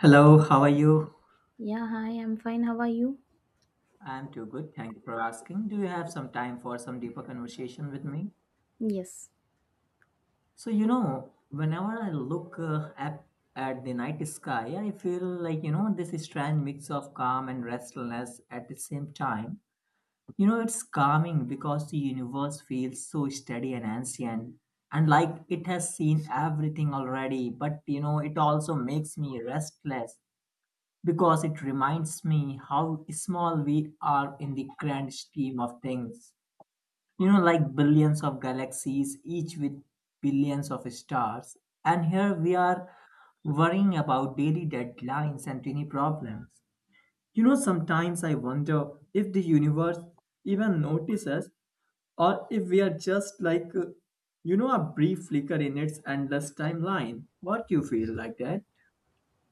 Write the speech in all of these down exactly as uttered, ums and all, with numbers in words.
Hello, how are you? Yeah, hi, I'm fine. How are you? I'm too good. Thank you for asking. Do you have some time for some deeper conversation with me? Yes, So, you know, whenever I look uh, at, at the night sky, I feel like, you know, this strange mix of calm and restlessness at the same time. You know, it's calming because the universe feels so steady and ancient and like it has seen everything already, but, you know, it also makes me restless because it reminds me how small we are in the grand scheme of things. You know, like billions of galaxies, each with billions of stars. And here we are worrying about daily deadlines and tiny problems. You know, sometimes I wonder if the universe even notices or if we are just like, uh, you know, a brief flicker in its endless timeline. What do you feel like that?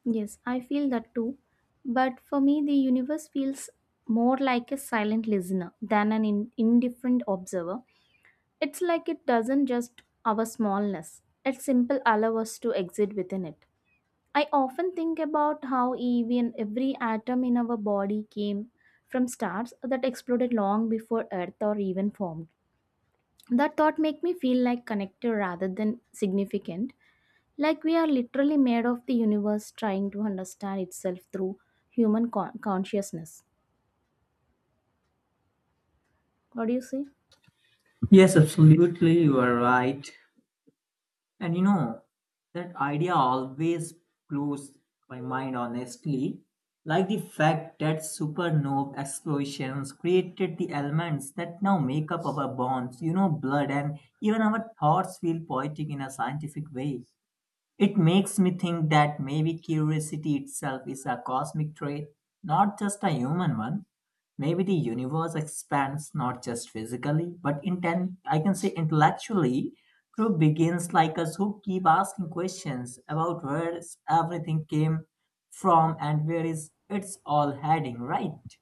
yes, I feel that too. But for me, the universe feels more like a silent listener than an in- indifferent observer. It's like it doesn't just our smallness, it simple allow us to exist within it. I often think about how even every atom in our body came from stars that exploded long before Earth or even formed. That thought make me feel like connected rather than significant. Like we are literally made of the universe trying to understand itself through human con- consciousness. What do you say? Yes, absolutely, you are right. And you know, that idea always blows my mind honestly. Like the fact that supernova explosions created the elements that now make up our bonds, you know, blood, and even our thoughts feel poetic in a scientific way. It makes me think that maybe curiosity itself is a cosmic trait, not just a human one. Maybe the universe expands not just physically, but inten- I can say intellectually through begins like us who keep asking questions about where is everything came from and where is it's all heading, right?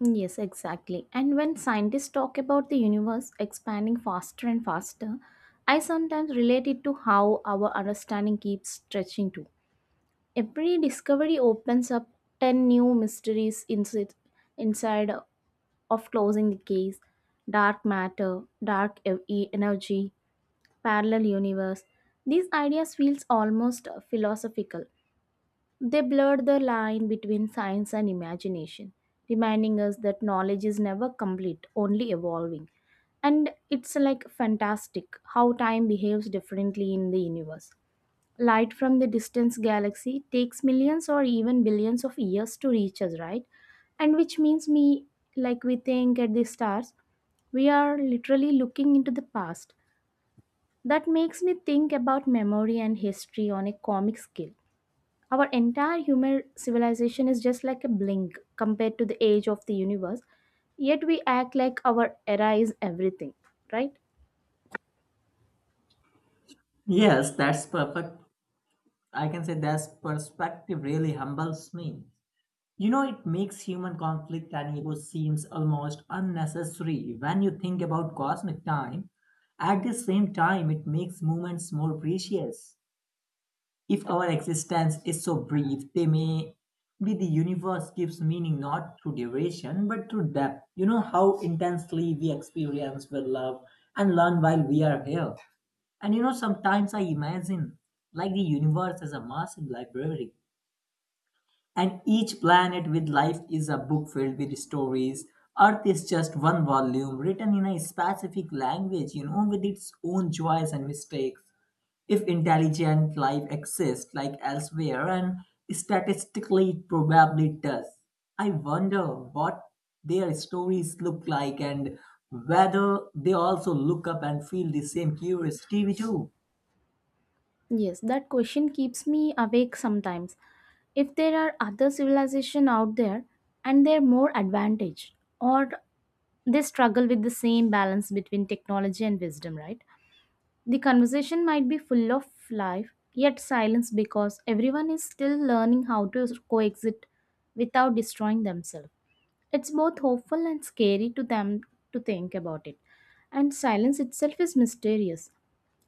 Yes, exactly. And when scientists talk about the universe expanding faster and faster, I sometimes relate it to how our understanding keeps stretching too. Every discovery opens up ten new mysteries inside, inside of closing the case, dark matter, dark e- energy, parallel universe. These ideas feels almost philosophical. They blur the line between science and imagination, reminding us that knowledge is never complete, only evolving. And it's like fantastic how time behaves differently in the universe. Light from the distant galaxy takes millions or even billions of years to reach us, right? And which means me like we think at the stars, we are literally looking into the past. That makes me think about memory and history on a comic scale. Our entire human civilization is just like a blink compared to the age of the universe, yet we act like our era is everything, right? Yes, that's perfect. I can say that's perspective really humbles me. You know, it makes human conflict and ego seems almost unnecessary when you think about cosmic time. At the same time, it makes moments more precious. If our existence is so brief, they may be the universe gives meaning not through duration but through depth. You know how intensely we experience, with love, and learn while we are here. And you know, sometimes I imagine like the universe is a massive library and each planet with life is a book filled with stories. Earth is just one volume written in a specific language, you know, with its own joys and mistakes. If intelligent life exists like elsewhere, and statistically it probably does, I wonder what their stories look like and whether they also look up and feel the same curiosity we do. Yes, that question keeps me awake sometimes. If there are other civilizations out there and they're more advantaged, or they struggle with the same balance between technology and wisdom, right? The conversation might be full of life, yet silence because everyone is still learning how to coexist without destroying themselves. It's both hopeful and scary to them to think about it. And silence itself is mysterious.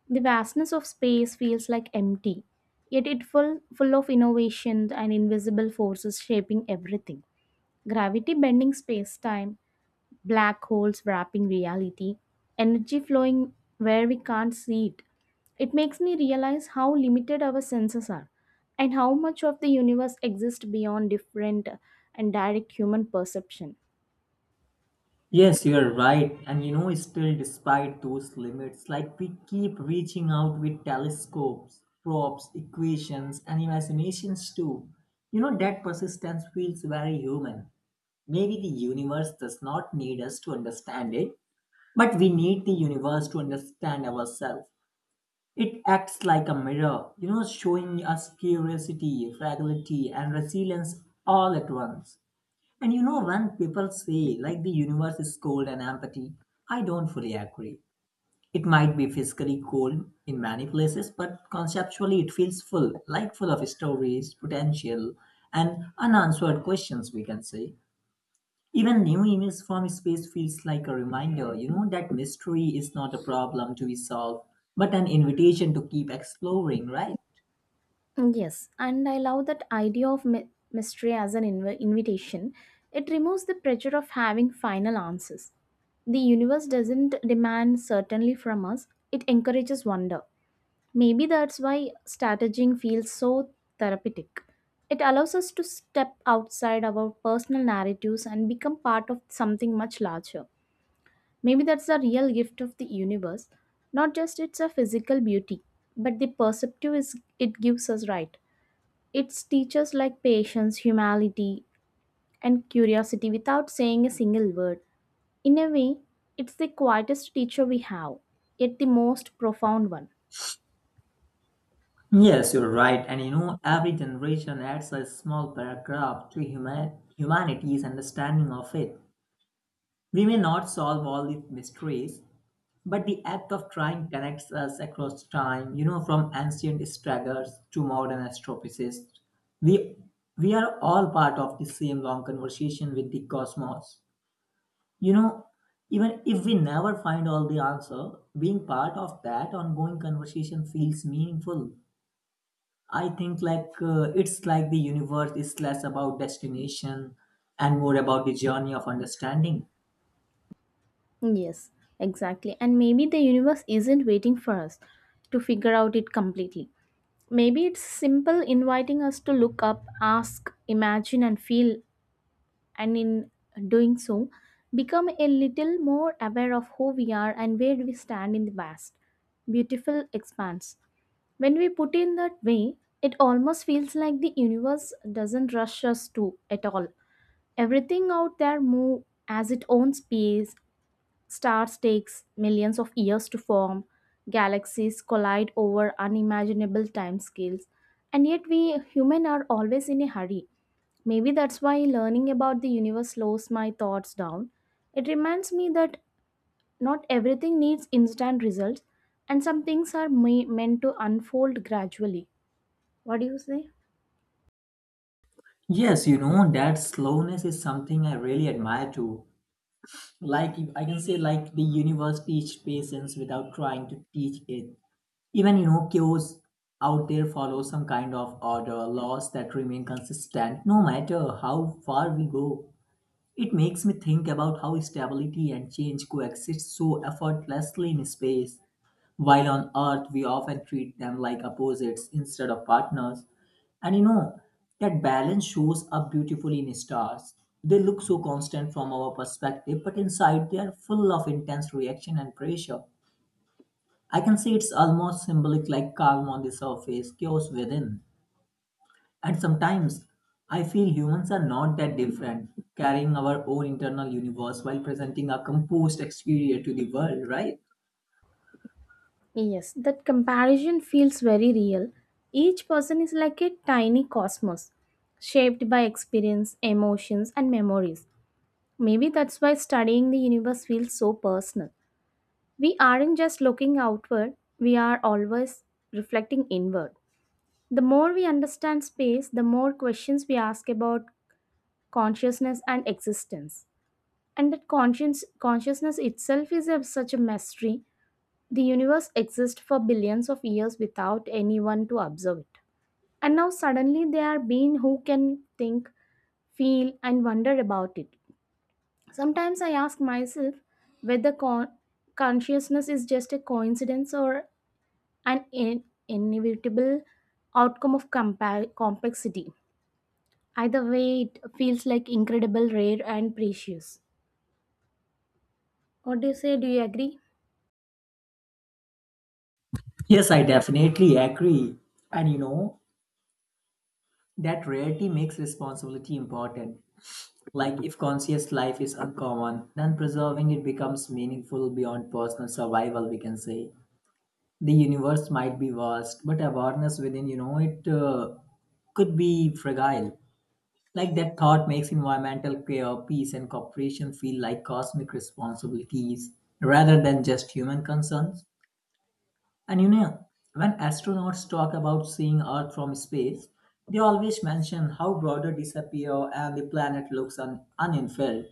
The vastness of space feels like empty, yet it full full of innovations and invisible forces shaping everything. Gravity bending space-time, black holes wrapping reality, energy flowing where we can't see it. It makes me realize how limited our senses are and how much of the universe exists beyond different and direct human perception. Yes, you're right. And you know, still despite those limits, like we keep reaching out with telescopes, props, equations, and imaginations too. You know, that persistence feels very human. Maybe the universe does not need us to understand it, but we need the universe to understand ourselves. It acts like a mirror, you know, showing us curiosity, fragility, and resilience all at once. And you know, when people say like the universe is cold and empty, I don't fully agree. It might be physically cold in many places, but conceptually it feels full, like full of stories, potential, and unanswered questions, we can say. Even new images from space feels like a reminder, you know, that mystery is not a problem to be solved, but an invitation to keep exploring, right? Mm, yes, and I love that idea of my- mystery as an inv- invitation. It removes the pressure of having final answers. The universe doesn't demand certainty from us, it encourages wonder. Maybe that's why strategizing feels so therapeutic. It allows us to step outside our personal narratives and become part of something much larger. Maybe that's the real gift of the universe, not just its a physical beauty, but the perceptive is it gives us right. It's teachers like patience, humility, and curiosity without saying a single word. In a way, it's the quietest teacher we have, yet the most profound one. Yes, you're right. And you know, every generation adds a small paragraph to human- humanity's understanding of it. We may not solve all the mysteries, but the act of trying connects us across time, you know, from ancient stragglers to modern astrophysicists. We, we are all part of the same long conversation with the cosmos. You know, even if we never find all the answer, being part of that ongoing conversation feels meaningful. I think like uh, it's like the universe is less about destination and more about the journey of understanding. Yes, exactly. And maybe the universe isn't waiting for us to figure out it completely. Maybe it's simple inviting us to look up, ask, imagine, and feel, and in doing so, become a little more aware of who we are and where we stand in the vast, beautiful expanse. When we put in that way, it almost feels like the universe doesn't rush us to at all. Everything out there moves as its own pace. Stars takes millions of years to form, galaxies collide over unimaginable timescales, and yet we humans are always in a hurry. Maybe that's why learning about the universe slows my thoughts down. It reminds me that not everything needs instant results, and some things are me- meant to unfold gradually. What do you say? Yes, you know that slowness is something I really admire too. Like if- I can say like the universe teaches patience without trying to teach it. Even you know chaos out there follows some kind of order, laws that remain consistent no matter how far we go. It makes me think about how stability and change coexist so effortlessly in space. While on Earth, we often treat them like opposites instead of partners. And you know, that balance shows up beautifully in stars. They look so constant from our perspective, but inside they are full of intense reaction and pressure. I can say it's almost symbolic like calm on the surface, chaos within. And sometimes I feel humans are not that different, carrying our own internal universe while presenting a composed exterior to the world, right? Yes, that comparison feels very real. Each person is like a tiny cosmos, shaped by experience, emotions, and memories. Maybe that's why studying the universe feels so personal. We aren't just looking outward, we are always reflecting inward. The more we understand space, the more questions we ask about consciousness and existence. And that conscience, consciousness itself is a, such a mystery. The universe exists for billions of years without anyone to observe it. And now suddenly there are beings who can think, feel, and wonder about it. Sometimes I ask myself whether con- consciousness is just a coincidence or an in- inevitable outcome of compa- complexity. Either way, it feels like incredible, rare, and precious. What do you say? Do you agree? Yes, I definitely agree. And you know, that rarity makes responsibility important. Like if conscious life is uncommon, then preserving it becomes meaningful beyond personal survival, we can say. The universe might be vast, but awareness within, you know, it uh, could be fragile. Like that thought makes environmental care, peace, and cooperation feel like cosmic responsibilities rather than just human concerns. And you know, when astronauts talk about seeing Earth from space, they always mention how broader disappear and the planet looks un- uninfilled.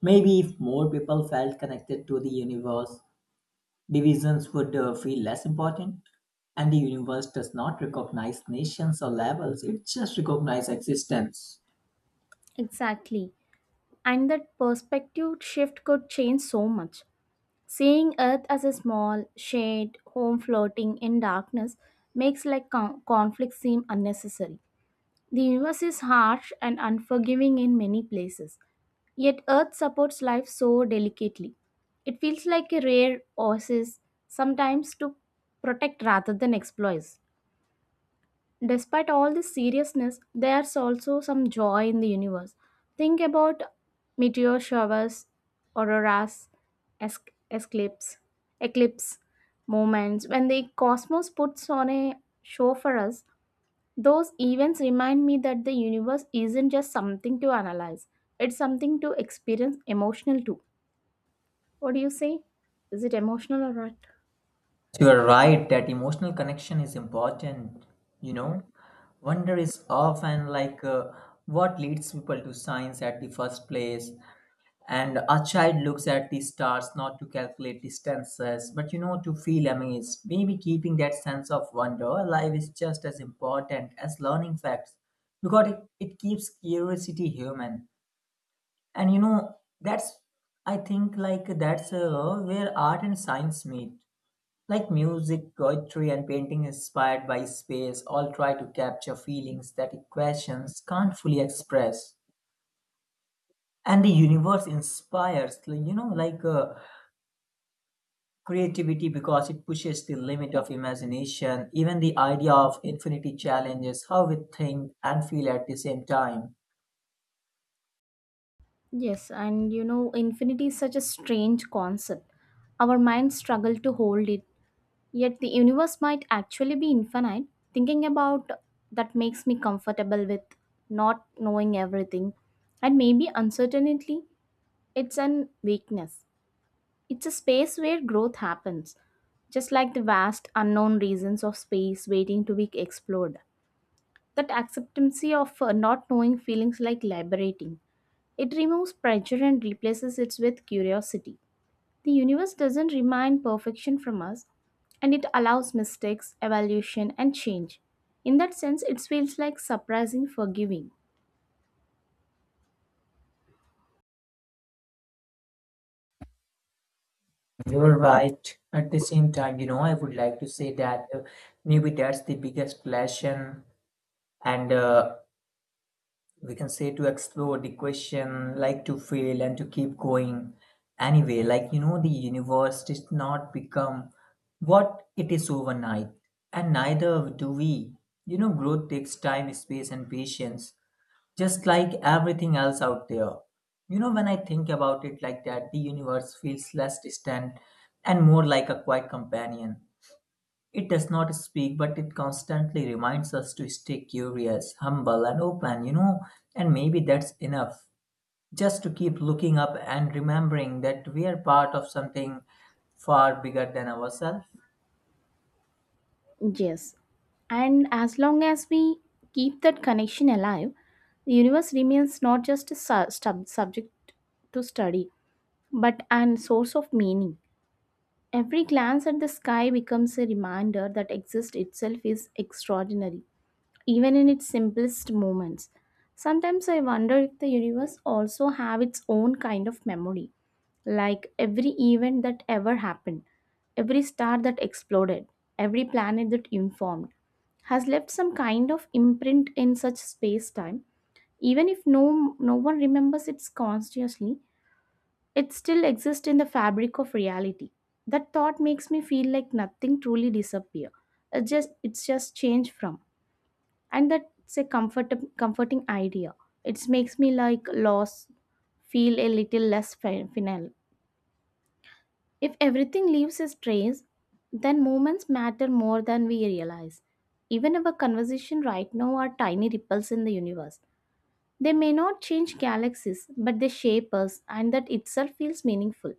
Maybe if more people felt connected to the universe, divisions would uh, feel less important. And the universe does not recognize nations or levels, it just recognizes existence. Exactly. And that perspective shift could change so much. Seeing Earth as a small, shade home floating in darkness makes like con- conflict seem unnecessary. The universe is harsh and unforgiving in many places, yet Earth supports life so delicately. It feels like a rare oasis, sometimes to protect rather than exploit. Despite all this seriousness, there's also some joy in the universe. Think about meteor showers, auroras, es- eclipse, eclipse moments. When the cosmos puts on a show for us, those events remind me that the universe isn't just something to analyze, it's something to experience emotional too. What do you say? Is it emotional or what? You are right that emotional connection is important. You know, wonder is often like uh, what leads people to science at the first place. And a child looks at the stars not to calculate distances, but you know, to feel amazed. Maybe keeping that sense of wonder alive is just as important as learning facts because it, it keeps curiosity human. And you know, that's, I think, like that's uh, where art and science meet. Like music, poetry, and painting inspired by space all try to capture feelings that equations can't fully express and the universe inspires like, you know like uh, creativity because it pushes the limit of imagination. Even the idea of infinity challenges how we think and feel at the same time. Yes, and you know, infinity is such a strange concept. Our minds struggle to hold it, yet the universe might actually be infinite. Thinking about that makes me comfortable with not knowing everything. And maybe uncertainty, it's an weakness. It's a space where growth happens, just like the vast unknown regions of space waiting to be explored. That acceptancy of uh, not knowing feelings like liberating. It removes pressure and replaces it with curiosity. The universe doesn't demand perfection from us, and it allows mistakes, evolution, and change. In that sense, it feels like surprising forgiving. You're right. At the same time, you know, I would like to say that uh, maybe that's the biggest lesson and uh, we can say to explore the question like to fail and to keep going anyway, like you know the universe does not become what it is overnight, and neither do we. You know growth takes time, space, and patience, just like everything else out there. You know, when I think about it like that, the universe feels less distant and more like a quiet companion. It does not speak, but it constantly reminds us to stay curious, humble, and open, you know. And maybe that's enough. Just to keep looking up and remembering that we are part of something far bigger than ourselves. Yes. And as long as we keep that connection alive, the universe remains not just a su- sub- subject to study, but an source of meaning. Every glance at the sky becomes a reminder that exist itself is extraordinary, even in its simplest moments. Sometimes I wonder if the universe also have its own kind of memory, like every event that ever happened, every star that exploded, every planet that informed, has left some kind of imprint in such space-time, even if no no one remembers it consciously, it still exists in the fabric of reality. That thought makes me feel like nothing truly disappear. It just it's just changed from. And that's a comfort, comforting idea. It makes me like loss feel a little less fi- final. If everything leaves its trace, then moments matter more than we realize. Even our conversation right now are tiny ripples in the universe. They may not change galaxies, but they shape us, and that itself feels meaningful.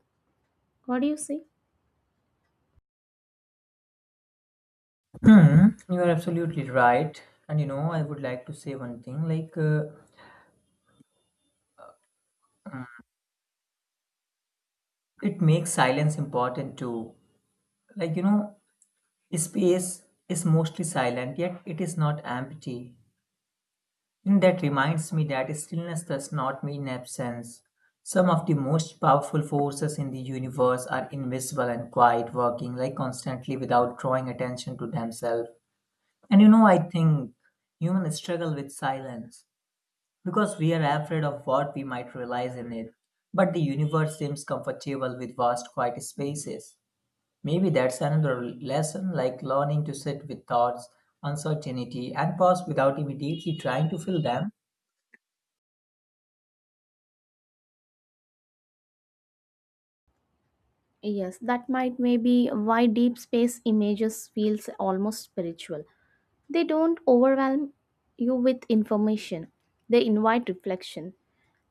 What do you say? Hmm, you are absolutely right. And you know, I would like to say one thing like, uh, it makes silence important too. Like, you know, space is mostly silent, yet it is not empty. And that reminds me that stillness does not mean absence. Some of the most powerful forces in the universe are invisible and quiet, working like constantly without drawing attention to themselves. And you know, I think humans struggle with silence because we are afraid of what we might realize in it. But the universe seems comfortable with vast quiet spaces. Maybe that's another lesson like learning to sit with thoughts, uncertainty, and pause without immediately trying to fill them. Yes, that might maybe why deep space images feels almost spiritual. They don't overwhelm you with information. They invite reflection.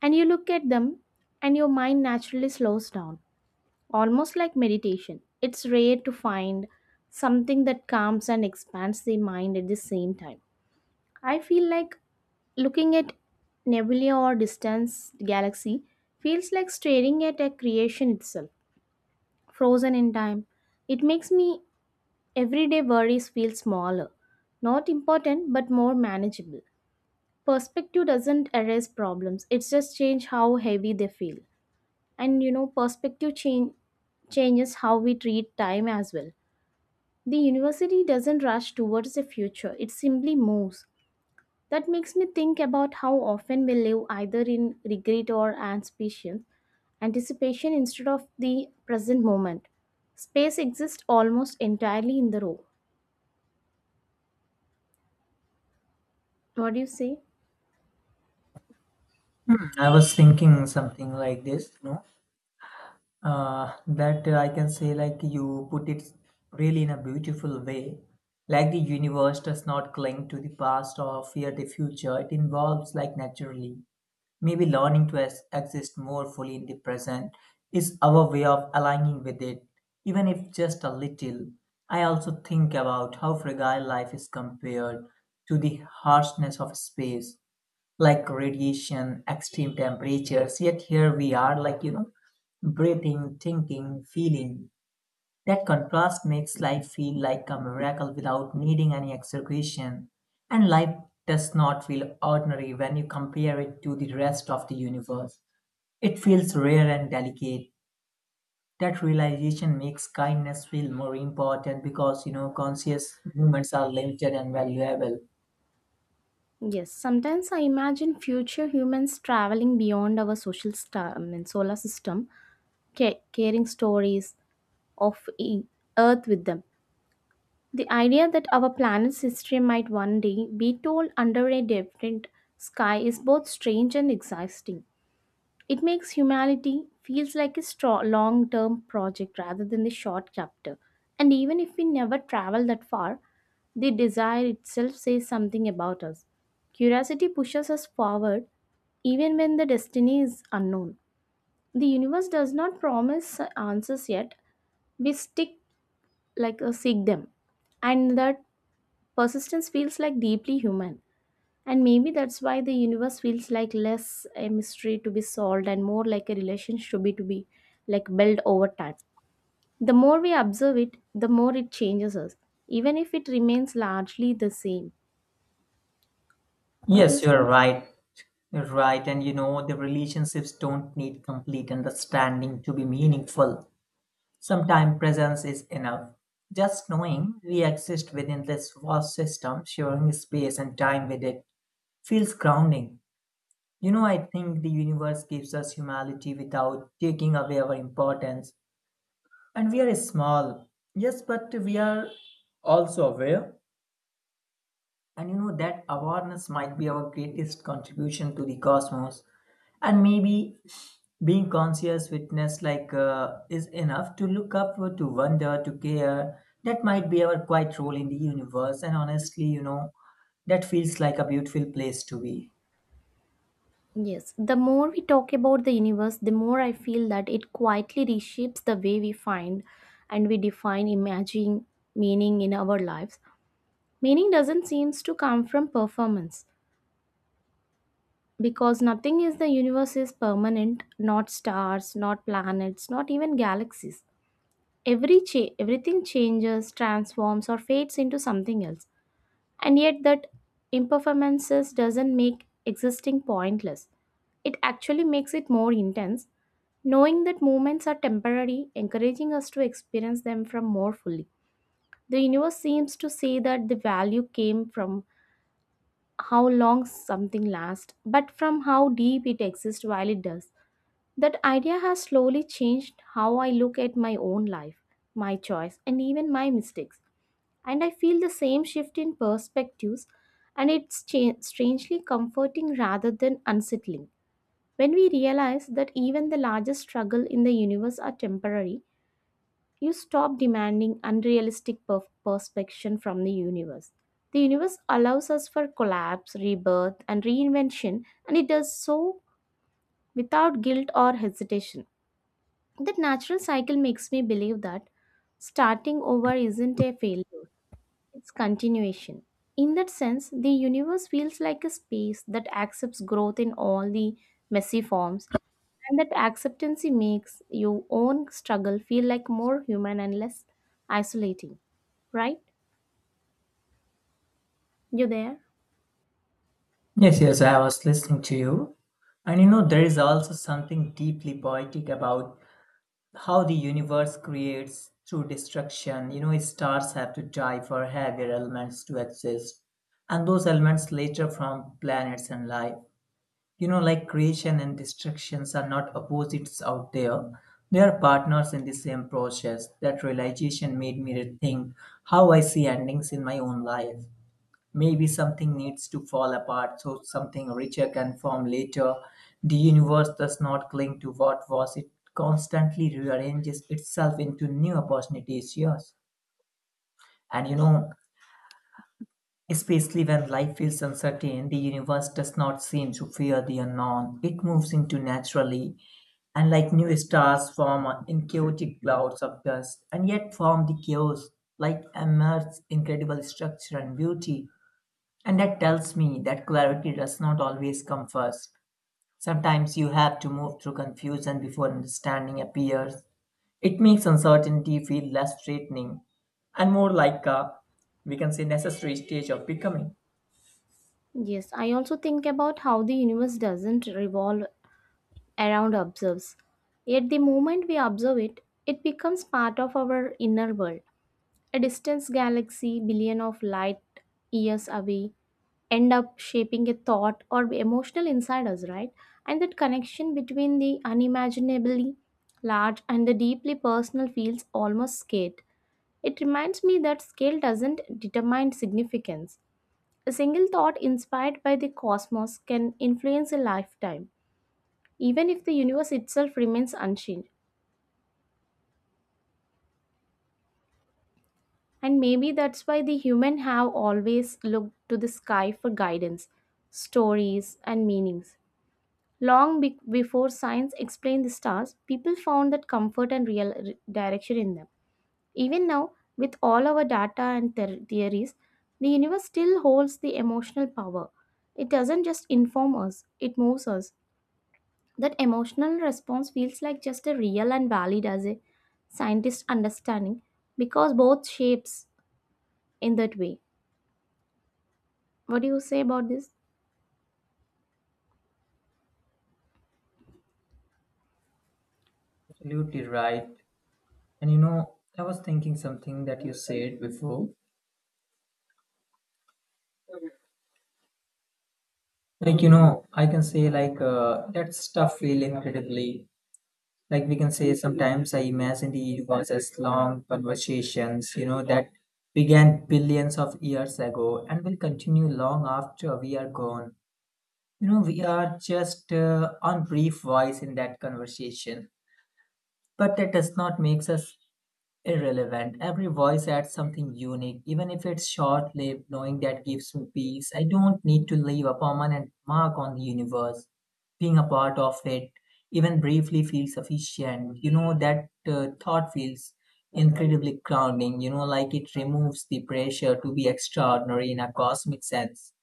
And you look at them and your mind naturally slows down, almost like meditation. It's rare to find something that calms and expands the mind at the same time. I feel like looking at nebula or distant galaxy feels like staring at a creation itself frozen in time. It makes me everyday worries feel smaller, not important but more manageable. Perspective doesn't erase problems, it's just change how heavy they feel. And you know, perspective change changes how we treat time as well. The university doesn't rush towards the future, it simply moves. That makes me think about how often we live either in regret or anticipation, anticipation instead of the present moment. Space exists almost entirely in the row. What do you say? Hmm, I was thinking something like this, you know, uh, that uh, I can say, like, you put it really in a beautiful way. Like, the universe does not cling to the past or fear the future, it evolves like naturally. Maybe learning to ex- exist more fully in the present is our way of aligning with it, even if just a little. I also think about how fragile life is compared to the harshness of space like radiation, extreme temperatures. Yet here we are, like, you know, breathing, thinking, feeling. That contrast makes life feel like a miracle without needing any exaggeration. And life does not feel ordinary when you compare it to the rest of the universe. It feels rare and delicate. That realization makes kindness feel more important because, you know, conscious moments are limited and valuable. Yes, sometimes I imagine future humans traveling beyond our social star, I mean, solar system, ca- carrying stories of e- Earth with them. The idea that our planet's history might one day be told under a different sky is both strange and exciting. It makes humanity feels like a strong, long-term project rather than the short chapter. And even if we never travel that far, the desire itself says something about us. Curiosity pushes us forward even when the destiny is unknown. The universe does not promise answers yet. We stick like uh, seek them, and that persistence feels like deeply human. And maybe that's why the universe feels like less a mystery to be solved and more like a relationship to be to be like built over time. The more we observe it, the more it changes us, even if it remains largely the same. What do you Yes, you're say? right. Right, and you know, the relationships don't need complete understanding to be meaningful. Sometimes presence is enough. Just knowing we exist within this vast system, sharing space and time with it, feels grounding. You know, I think the universe gives us humanity without taking away our importance. And we are small, yes, but we are also aware. And you know that awareness might be our greatest contribution to the cosmos. And maybe being conscious witness like uh, is enough to look up, to wonder, to care. That might be our quiet role in the universe. And honestly, you know, that feels like a beautiful place to be. Yes, the more we talk about the universe, the more I feel that it quietly reshapes the way we find and we define imagine meaning in our lives. Meaning doesn't seem to come from performance. Because nothing in the universe is permanent, not stars, not planets, not even galaxies. Every cha- everything changes, transforms, or fades into something else, and yet that impermanence doesn't make existing pointless. It actually makes it more intense. Knowing that moments are temporary encouraging us to experience them from more fully. The universe seems to say that the value came from how long something lasts but from how deep it exists while it does. That idea has slowly changed how I look at my own life, my choice, and even my mistakes. And I feel the same shift in perspectives, and it's cha- strangely comforting rather than unsettling. When we realize that even the largest struggle in the universe are temporary, you stop demanding unrealistic per- perspection from the universe. The universe allows us for collapse, rebirth, and reinvention, and it does so without guilt or hesitation. That natural cycle makes me believe that starting over isn't a failure, it's continuation. In that sense, the universe feels like a space that accepts growth in all the messy forms, and that acceptance makes your own struggle feel like more human and less isolating. Right? You there? Yes, yes, I was listening to you. And you know, there is also something deeply poetic about how the universe creates through destruction. You know, stars have to die for heavier elements to exist, and those elements later from planets and life. You know, like creation and destructions are not opposites out there. They are partners in the same process. That realization made me rethink how I see endings in my own life. Maybe something needs to fall apart so something richer can form later. The universe does not cling to what was, it constantly rearranges itself into new opportunities. Yes. And you know, especially when life feels uncertain, the universe does not seem to fear the unknown. It moves into naturally, and like new stars form in chaotic clouds of dust, and yet form the chaos, like emerge incredible structure and beauty. And that tells me that clarity does not always come first. Sometimes you have to move through confusion before understanding appears. It makes uncertainty feel less threatening and more like a, we can say, necessary stage of becoming. Yes, I also think about how the universe doesn't revolve around ourselves. Yet the moment we observe it, it becomes part of our inner world. A distant galaxy, billion of light years away, end up shaping a thought or emotional inside us, right? And that connection between the unimaginably large and the deeply personal feels almost scared. It reminds me that scale doesn't determine significance. A single thought inspired by the cosmos can influence a lifetime, even if the universe itself remains unchanged. And maybe that's why the human have always looked to the sky for guidance, stories, and meanings. Long be- before science explained the stars, people found that comfort and real re- direction in them. Even now, with all our data and ther- theories, the universe still holds the emotional power. It doesn't just inform us, it moves us. That emotional response feels like just a real and valid as a scientist understanding because both shapes in that way. What do you say about this? Absolutely right. And you know, I was thinking something that you said before. Like, you know, I can say, like, uh, that stuff feel incredibly. Like we can say, sometimes I imagine it was as long conversations, you know, that began billions of years ago and will continue long after we are gone. You know, we are just uh, on brief voice in that conversation, but that does not make us irrelevant. Every voice adds something unique, even if it's short lived, knowing that gives me peace. I don't need to leave a permanent mark on the universe. Being a part of it, even briefly, feels sufficient. You know, that uh, thought feels incredibly grounding, you know, like it removes the pressure to be extraordinary in a cosmic sense.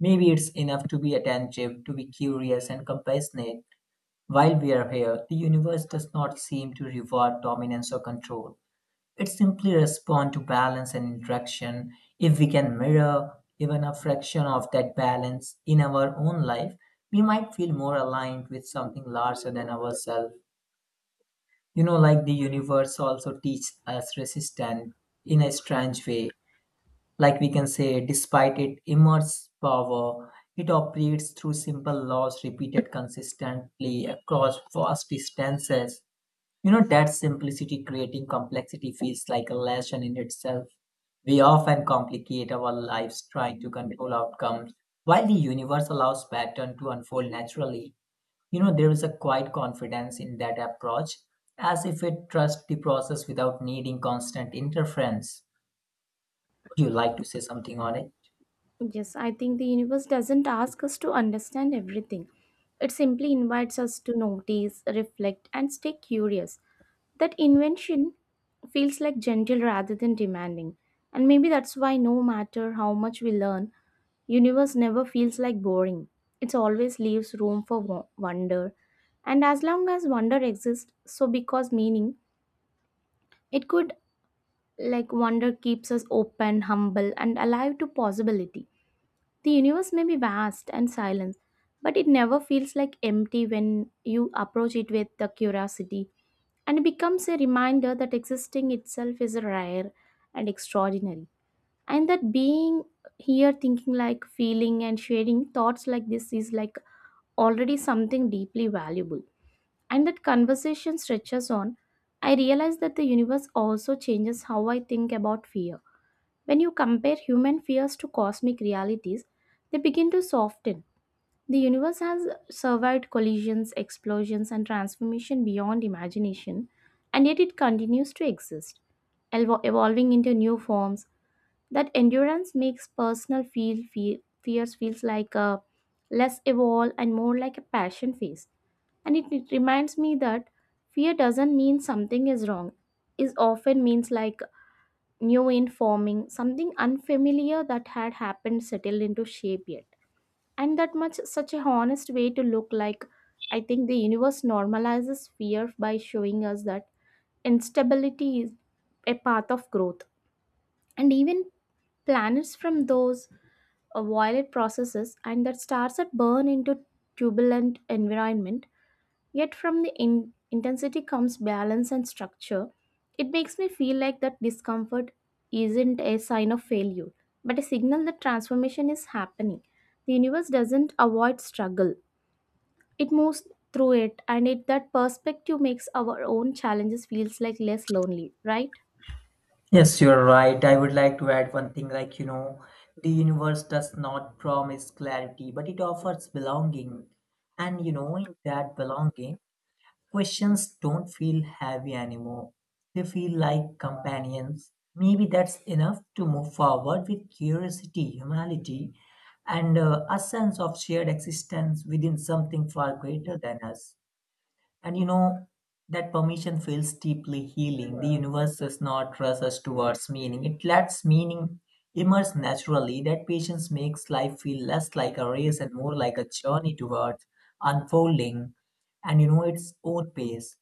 Maybe it's enough to be attentive, to be curious and compassionate. While we are here, the universe does not seem to reward dominance or control. It simply responds to balance and interaction. If we can mirror even a fraction of that balance in our own life, we might feel more aligned with something larger than ourselves. You know, like the universe also teaches us resistance in a strange way. Like we can say, despite its immense power, it operates through simple laws repeated consistently across vast distances, you know, that simplicity creating complexity feels like a lesson in itself. We often complicate our lives trying to control outcomes, while the universe allows pattern to unfold naturally. You know, there is a quiet confidence in that approach, as if it trusts the process without needing constant interference. Would you like to say something on it? Yes, I think the universe doesn't ask us to understand everything. It simply invites us to notice, reflect, and stay curious. That invention feels like gentle rather than demanding. And maybe that's why no matter how much we learn, universe never feels like boring. It always leaves room for wo- wonder. And as long as wonder exists, so because meaning, it could like wonder keeps us open, humble, and alive to possibility. The universe may be vast and silent, but it never feels like empty when you approach it with the curiosity. And it becomes a reminder that existing itself is rare and extraordinary. And that being here, thinking like feeling and sharing thoughts like this is like already something deeply valuable. And that conversation stretches on, I realize that the universe also changes how I think about fear. When you compare human fears to cosmic realities, they begin to soften. The universe has survived collisions, explosions, and transformation beyond imagination, and yet it continues to exist, elvo- evolving into new forms. That endurance makes personal feel, feel fears feels like a less evolve and more like a passion phase, and it, it reminds me that fear doesn't mean something is wrong. It often means like new in forming, something unfamiliar that had happened settled into shape yet. And that much such a honest way to look like. I think the universe normalizes fear by showing us that instability is a path of growth. And even planets from those uh, violet processes and that stars that burn into turbulent environment. Yet from the in- intensity comes balance and structure. It makes me feel like that discomfort isn't a sign of failure, but a signal that transformation is happening. The universe doesn't avoid struggle. It moves through it, and it that perspective makes our own challenges feels like less lonely, right? Yes, you're right. I would like to add one thing like, you know, the universe does not promise clarity, but it offers belonging. And, you know, in that belonging, questions don't feel heavy anymore. They feel like companions. Maybe that's enough to move forward with curiosity, humanity, and uh, a sense of shared existence within something far greater than us. And you know, that permission feels deeply healing. The universe does not rush us towards meaning, it lets meaning emerge naturally. That patience makes life feel less like a race and more like a journey towards unfolding and you know its own pace.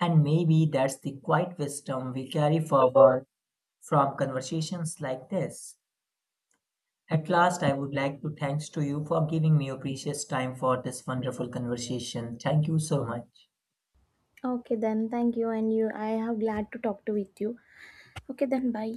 And maybe that's the quiet wisdom we carry forward from conversations like this. At last, I would like to thanks to you for giving me your precious time for this wonderful conversation. Thank you so much. Okay then, thank you and you I have glad to talk to with you. Okay then, bye.